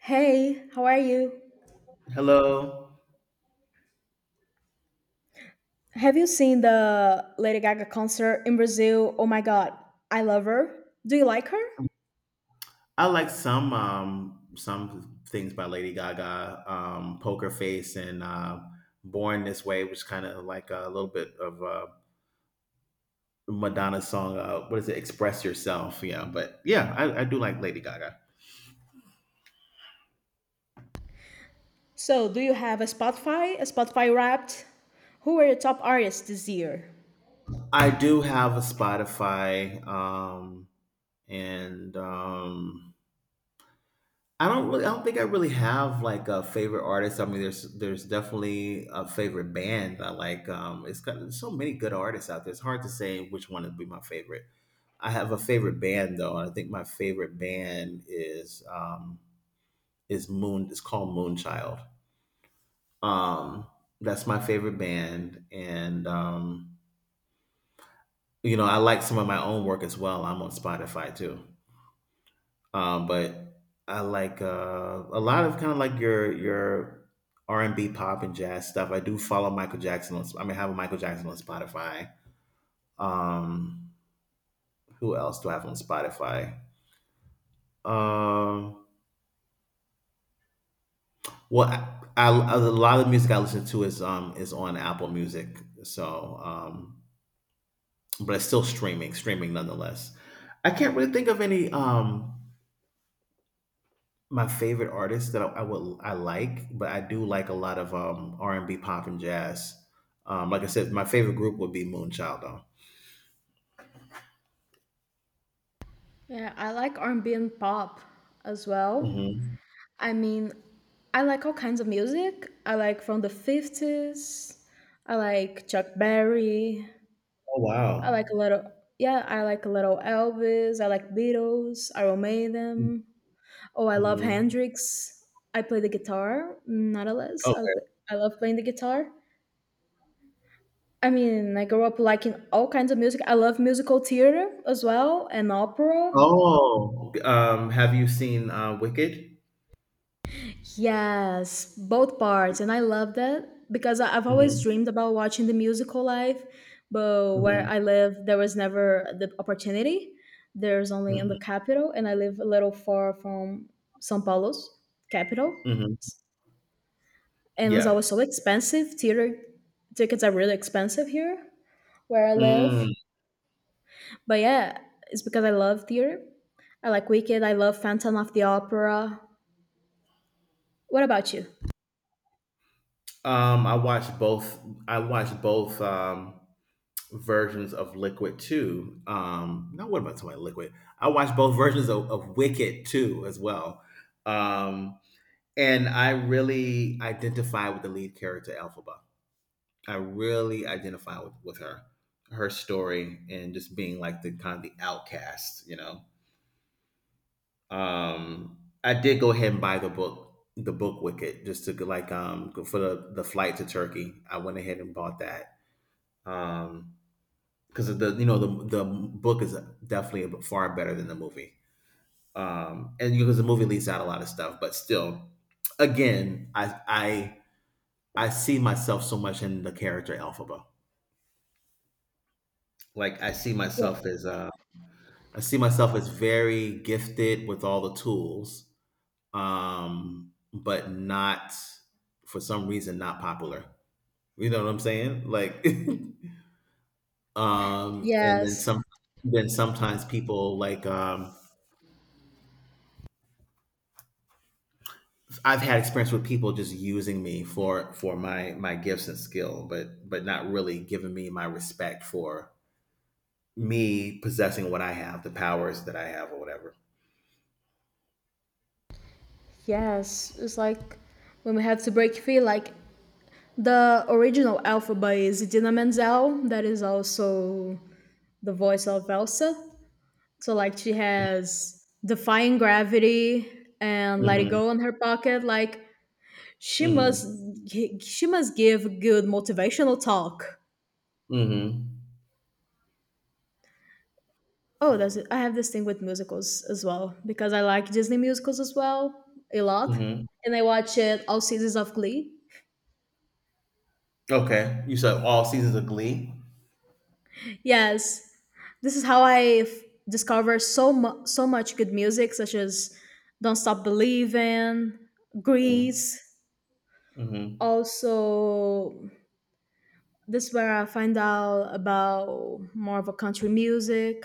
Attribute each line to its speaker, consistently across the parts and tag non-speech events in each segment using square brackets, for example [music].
Speaker 1: Hey, how are you?
Speaker 2: Hello.
Speaker 1: Have you seen the Lady Gaga concert in Brazil? Oh my god, I love her. Do you like her?
Speaker 2: I like some things by Lady Gaga, Poker Face and Born This Way, which kind of like a little bit of Madonna's song. What is it? Express Yourself. Yeah, but yeah, I do like Lady Gaga.
Speaker 1: So, do you have a Spotify Wrapped? Who are your top artists this year?
Speaker 2: I do have a Spotify, and I don't think I really have like a favorite artist. I mean, there's definitely a favorite band I like. It's got there's so many good artists out there. It's hard to say which one would be my favorite. I have a favorite band though, and I think my favorite band is Moon. It's called Moonchild. Um, that's my favorite band, and you know I like some of my own work as well. I'm on Spotify too. But I like a lot of kind of like your R&B, pop, and jazz stuff. I do follow Michael Jackson. I mean, have a Michael Jackson on Spotify. Um, who else do I have on Spotify? Um, well, a lot of the music I listen to is on Apple Music. So, but it's still streaming nonetheless. I can't really think of any my favorite artists that I like, but I do like a lot of R&B, pop, and jazz. Like I said, my favorite group would be Moonchild. Though.
Speaker 1: Yeah, I like R&B and B and pop as well.
Speaker 2: Hmm.
Speaker 1: I mean, I like all kinds of music. I like from the 50s. I like Chuck Berry.
Speaker 2: Oh
Speaker 1: I like
Speaker 2: wow.
Speaker 1: a little yeah, I like a little Elvis. I like Beatles. I Iron Maiden. Oh, I love
Speaker 2: Hmm.
Speaker 1: Hendrix. I play the guitar, not a less. I,
Speaker 2: Okay.
Speaker 1: play, I love playing the guitar. I mean, I grew up liking all kinds of music. I love musical theater as well and opera.
Speaker 2: Oh. Have you seen Wicked?
Speaker 1: Yes, both parts. And I love that because I've always
Speaker 2: Hmm.
Speaker 1: dreamed about watching the musical live, but where
Speaker 2: Hmm.
Speaker 1: I live, there was never the opportunity. There's only in
Speaker 2: Hmm.
Speaker 1: the capital, and I live a little far from São Paulo's capital.
Speaker 2: Hmm.
Speaker 1: And it was
Speaker 2: Yeah.
Speaker 1: always so expensive. Theater tickets are really expensive here where I
Speaker 2: Mm.
Speaker 1: live. But yeah, it's because I love theater. I like Wicked. I love Phantom of the Opera. What about you?
Speaker 2: I watched both. I watched both. Versions of Liquid too. No, what about I Liquid? I watched both versions of Wicked too as well. Um, and I really identify with the lead character, Elphaba. I really identify with her, her story, and just being like the kind of the outcast. I did go ahead and buy the book Wicked, just to like for the flight to Turkey. I went ahead and bought that. Um, because the you know the book is definitely far better than the movie. And because the movie leaves out a lot of stuff, but still, again, I see myself so much in the character Elphaba. Like I see myself
Speaker 1: Yeah.
Speaker 2: as very gifted with all the tools, but not for some reason not popular. You know what I'm saying? Like, [laughs] and then
Speaker 1: Yes.
Speaker 2: some then sometimes people I've had experience with people just using me for my gifts and skill, but not really giving me my respect for me possessing what I have, the powers that I have, or whatever.
Speaker 1: Yes. It's like when we have to break free, like the original alphabet is Idina Menzel, that is also the voice of Elsa. So like she has Defying Gravity and Let It
Speaker 2: Mm-hmm.
Speaker 1: Go in her pocket. Like she must
Speaker 2: Mm-hmm.
Speaker 1: she must give good motivational talk.
Speaker 2: Mm-hmm.
Speaker 1: Oh, that's it. I have this thing with musicals as well because I like Disney musicals as well a lot,
Speaker 2: Mm-hmm.
Speaker 1: and I watch it all seasons of Glee.
Speaker 2: Okay. You said all seasons of Glee.
Speaker 1: Yes, this is how discover so so much good music, such as "Don't Stop Believing,"
Speaker 2: Mm-hmm.
Speaker 1: "Grease,"
Speaker 2: Mm-hmm.
Speaker 1: also this where I find out about more of a country music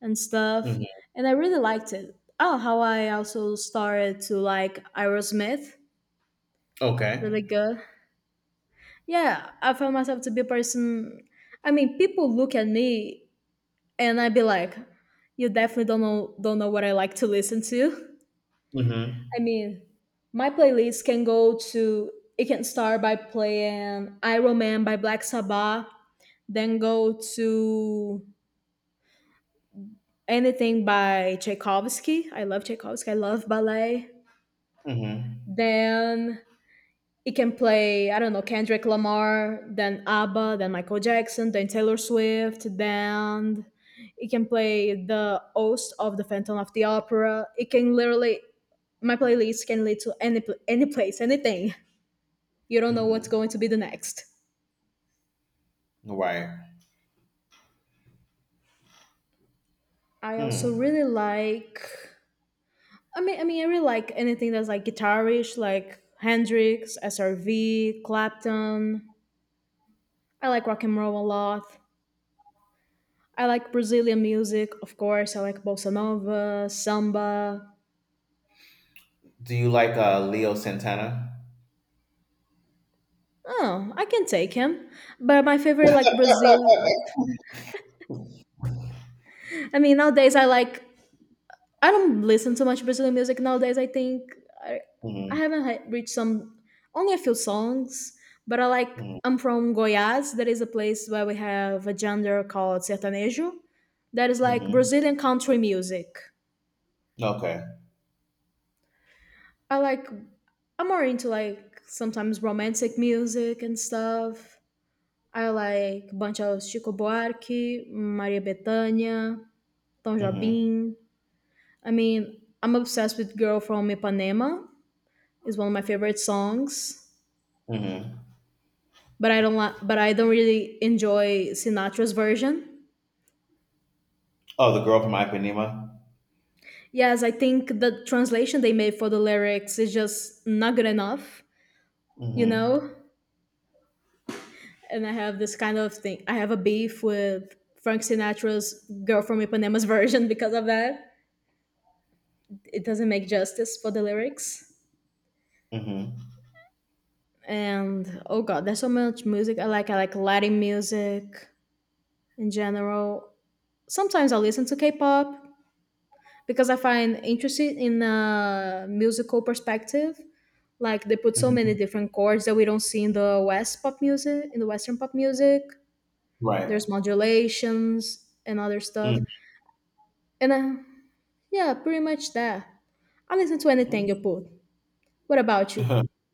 Speaker 1: and stuff,
Speaker 2: Mm-hmm.
Speaker 1: and I really liked it. Oh, how I also started to like Aerosmith,
Speaker 2: Okay.
Speaker 1: really good. Yeah, I found myself to be a person. I mean, people look at me and I'd be like, "You definitely don't know what I like to listen to."
Speaker 2: Mm-hmm.
Speaker 1: [laughs] I mean, my playlist can go to it can start by playing Iron Man by Black Sabbath, then go to anything by Tchaikovsky. I love Tchaikovsky. I love ballet.
Speaker 2: Mm-hmm.
Speaker 1: Then it can play, I don't know, Kendrick Lamar, then ABBA, then Michael Jackson, then Taylor Swift, then it can play the host of the Phantom of the Opera. It can literally, my playlist can lead to any place, anything. You don't know what's
Speaker 2: Mm-hmm.
Speaker 1: going to be the next.
Speaker 2: Right.
Speaker 1: I also
Speaker 2: Hmm.
Speaker 1: really like I mean, I really like anything that's like guitarish, like Hendrix, SRV, Clapton. I like rock and roll a lot. I like Brazilian music, of course. I like bossa nova, samba.
Speaker 2: Do you like Leo Santana?
Speaker 1: Oh, I can take him. But my favorite, like Brazil. I mean, nowadays I don't listen to much Brazilian music nowadays. I think I, I
Speaker 2: Mm-hmm.
Speaker 1: haven't reached some, only a few songs, but I like,
Speaker 2: Mm-hmm.
Speaker 1: I'm from Goiás. That is a place where we have a genre called sertanejo. That is like
Speaker 2: Mm-hmm.
Speaker 1: Brazilian country music.
Speaker 2: Okay.
Speaker 1: I like, I'm more into like sometimes romantic music and stuff. I like bunch of Chico Buarque, Maria Bethânia, Tom
Speaker 2: Mm-hmm.
Speaker 1: Jobim. I mean, I'm obsessed with Girl from Ipanema is one of my favorite songs,
Speaker 2: Mm-hmm.
Speaker 1: but I don't li- but I don't really enjoy Sinatra's version.
Speaker 2: Oh, the girl from Ipanema.
Speaker 1: Yes, I think the translation they made for the lyrics is just not good enough, you
Speaker 2: Mhm.
Speaker 1: know? And I have this kind of thing. I have a beef with Frank Sinatra's Girl from Ipanema's [laughs] version because of that. It doesn't make justice for the lyrics.
Speaker 2: Mhm.
Speaker 1: And oh god, there's so much music I like. I like Latin music in general. Sometimes I listen to K-pop, because I find interested in a musical perspective. Like they put so many
Speaker 2: Mhm.
Speaker 1: different chords that we don't see in the West pop music, in the Western pop music.
Speaker 2: Right.
Speaker 1: There's modulations and other stuff,
Speaker 2: Mm.
Speaker 1: and yeah, pretty much that. I listen to
Speaker 2: Mm.
Speaker 1: anything you put. What about you?
Speaker 2: [laughs]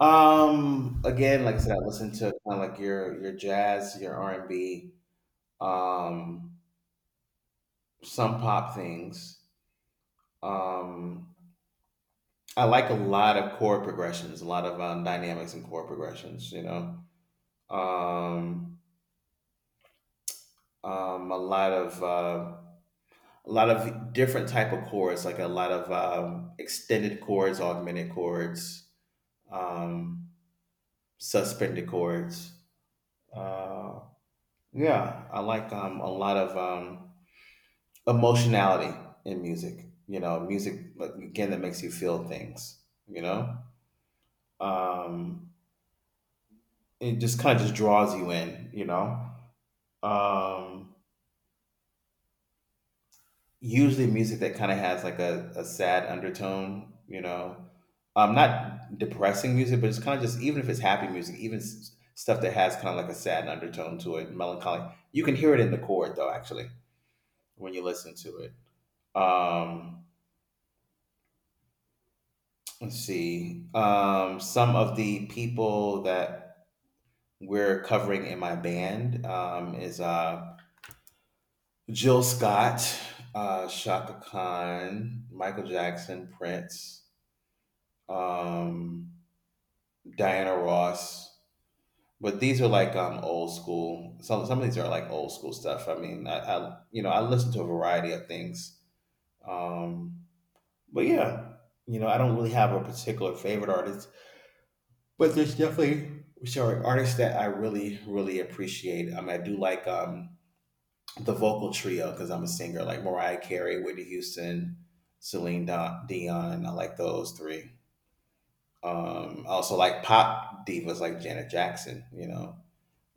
Speaker 2: Again, like I said, I listen to kind of like your jazz, your R&B, um, some pop things. Um, I like a lot of chord progressions, a lot of dynamics and chord progressions. You know, um, um, a lot of uh, a lot of different type of chords, like a lot of extended chords, augmented chords, um, suspended chords. Uh, yeah, I like a lot of emotionality in music. You know, music but again that makes you feel things. You know, um, it just kind of just draws you in. You know, um, usually music that kind of has like a sad undertone. You know, not depressing music, but it's kind of just even if it's happy music, even stuff that has kind of like a sad undertone to it, melancholic. You can hear it in the chord though, actually, when you listen to it. Um, Let's see. Some of the people that we're covering in my band is Jill Scott, Shaka Khan, Michael Jackson, Prince, um, Diana Ross. But these are like old school. Some of these are like old school stuff. I mean, I you know I listen to a variety of things. Um, but yeah, I don't really have a particular favorite artist. But there's definitely sorry artists that I really really appreciate. I do like the vocal trio because I'm a singer, like Mariah Carey, Whitney Houston, Celine Dion. I like those three. I also like pop divas like Janet Jackson. You know,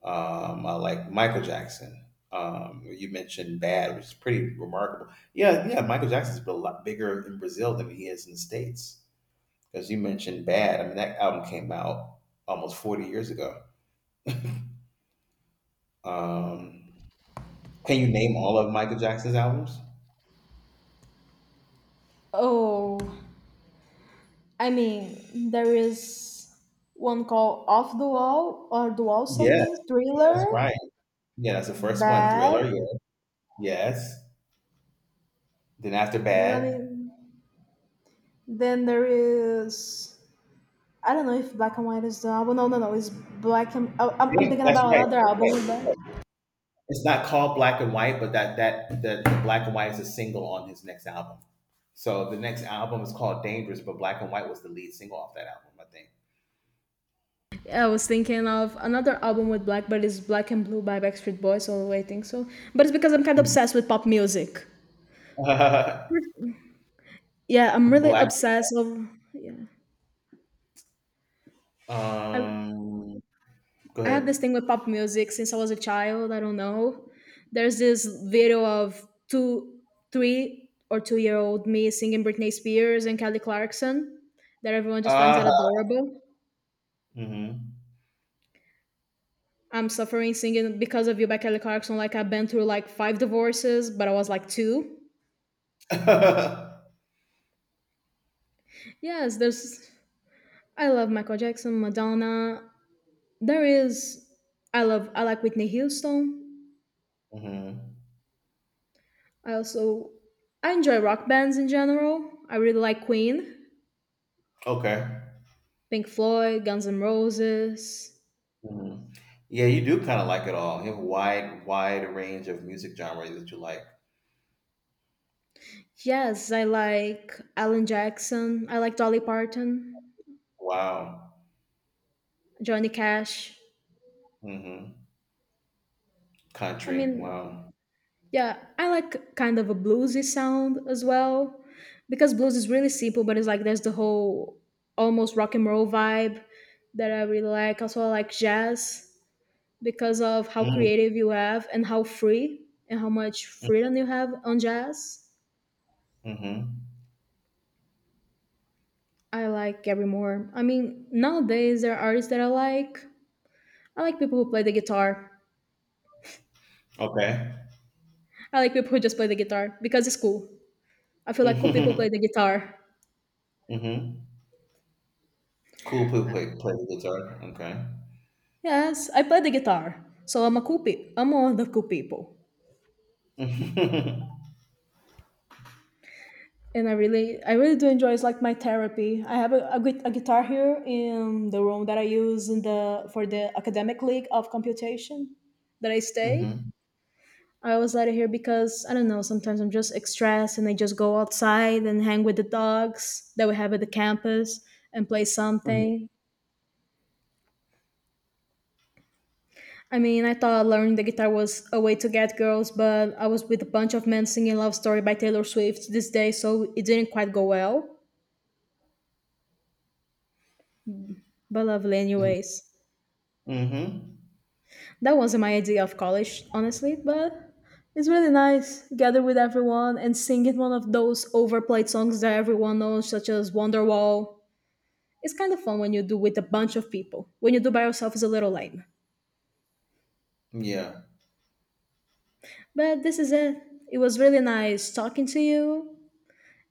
Speaker 2: I like Michael Jackson. You mentioned Bad, which is pretty remarkable. Yeah, yeah, Michael Jackson's a lot bigger in Brazil than he is in the States. Because you mentioned Bad, I mean that album came out almost 40 years ago. Um, can you name all of Michael Jackson's albums?
Speaker 1: Oh, I mean, there is one called Off the Wall or The Wall
Speaker 2: Yes,
Speaker 1: something,
Speaker 2: that's
Speaker 1: Thriller,
Speaker 2: right. Yeah, that's the first one.
Speaker 1: Bad.
Speaker 2: Thriller. Yeah. Yes. Then after
Speaker 1: I
Speaker 2: Bad.
Speaker 1: mean, then there is I don't know if Black and White is the album. No, no, no. It's Black and oh, I'm
Speaker 2: Yeah,
Speaker 1: thinking
Speaker 2: that's
Speaker 1: about
Speaker 2: right.
Speaker 1: another
Speaker 2: That's
Speaker 1: album
Speaker 2: right.
Speaker 1: with
Speaker 2: That's right.
Speaker 1: Black.
Speaker 2: It's not called Black and White, but the Black and White is a single on his next album. So the next album is called Dangerous, but Black and White was the lead single off that album, I
Speaker 1: Yeah, I was thinking of another album with Black, but it's Black and Blue by Backstreet Boys. So I think so. But it's because I'm kind of
Speaker 2: think.
Speaker 1: obsessed with pop music. Yeah, I'm really
Speaker 2: [laughs] Black.
Speaker 1: obsessed. Of, yeah, I
Speaker 2: Um. Go
Speaker 1: I have this
Speaker 2: ahead.
Speaker 1: thing with pop music since I was a child. I don't know. There's this video of two, three or two-year-old me singing Britney Spears and Kelly Clarkson that everyone just finds
Speaker 2: Uh.
Speaker 1: it adorable.
Speaker 2: Mm-hmm.
Speaker 1: I'm Suffering Singing Because of You by Kelly Clarkson. Like, I've been through like five divorces, but I was like two.
Speaker 2: [laughs]
Speaker 1: Yes, there's. I love Michael Jackson, Madonna. There is. I love. I like Whitney Houston.
Speaker 2: Mm-hmm.
Speaker 1: I also. I enjoy rock bands in general. I really like Queen,
Speaker 2: Okay.
Speaker 1: Pink Floyd, Guns N' Roses.
Speaker 2: Mhm. Yeah, you do kind of like it all. You have a wide, wide range of music genres that you like.
Speaker 1: Yes, I like Alan Jackson. I like Dolly Parton,
Speaker 2: Wow.
Speaker 1: Johnny Cash.
Speaker 2: Hmm.
Speaker 1: I
Speaker 2: Country.
Speaker 1: mean,
Speaker 2: Wow.
Speaker 1: yeah, I like kind of a bluesy sound as well because blues is really simple, but it's like there's the whole almost rock and roll vibe that I really like. Also, I like jazz because of how
Speaker 2: Mm-hmm.
Speaker 1: creative you have and how free and how much freedom you have on jazz.
Speaker 2: Mm-hmm.
Speaker 1: I like Gary Moore. I mean, nowadays there are artists that I like. I like people who play the guitar.
Speaker 2: Okay.
Speaker 1: I like people who just play the guitar because it's cool. I feel like cool people play the
Speaker 2: [laughs]
Speaker 1: guitar.
Speaker 2: Hmm. Cool. Play, play, play the guitar. Okay.
Speaker 1: Yes, I play the guitar, so I'm a cool I'm one of the cool people,
Speaker 2: [laughs]
Speaker 1: and I really do enjoy. It's like my therapy. I have a guitar here in the room that I use in the for the academic league of computation that I stay.
Speaker 2: Hmm.
Speaker 1: I always let it here because I don't know. Sometimes I'm just stressed, and I just go outside and hang with the dogs that we have at the campus and play
Speaker 2: Hmm.
Speaker 1: something. I mean, I thought learning the guitar was a way to get girls, but I was with a bunch of men singing Love Story by Taylor Swift this day, so it didn't quite go well. But lovely, anyways.
Speaker 2: Hmm.
Speaker 1: That wasn't my idea of college, honestly, but it's really nice. Gather with everyone and singing one of those overplayed songs that everyone knows, such as Wonderwall. It's kind of fun when you do with a bunch of people. When you do by yourself, it's a little lame.
Speaker 2: Yeah.
Speaker 1: But this is it. It was really nice talking to you,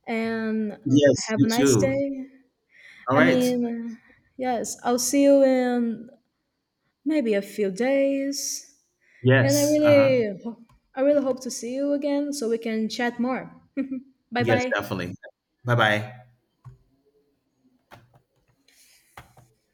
Speaker 1: and
Speaker 2: Yes,
Speaker 1: have
Speaker 2: you
Speaker 1: a nice
Speaker 2: too.
Speaker 1: day.
Speaker 2: All
Speaker 1: I
Speaker 2: right.
Speaker 1: mean, yes, I'll see you in maybe a few days. And
Speaker 2: Yes. Uh huh.
Speaker 1: I really hope to see you again so we can chat more. [laughs] Bye
Speaker 2: Yes,
Speaker 1: bye.
Speaker 2: definitely. Bye bye.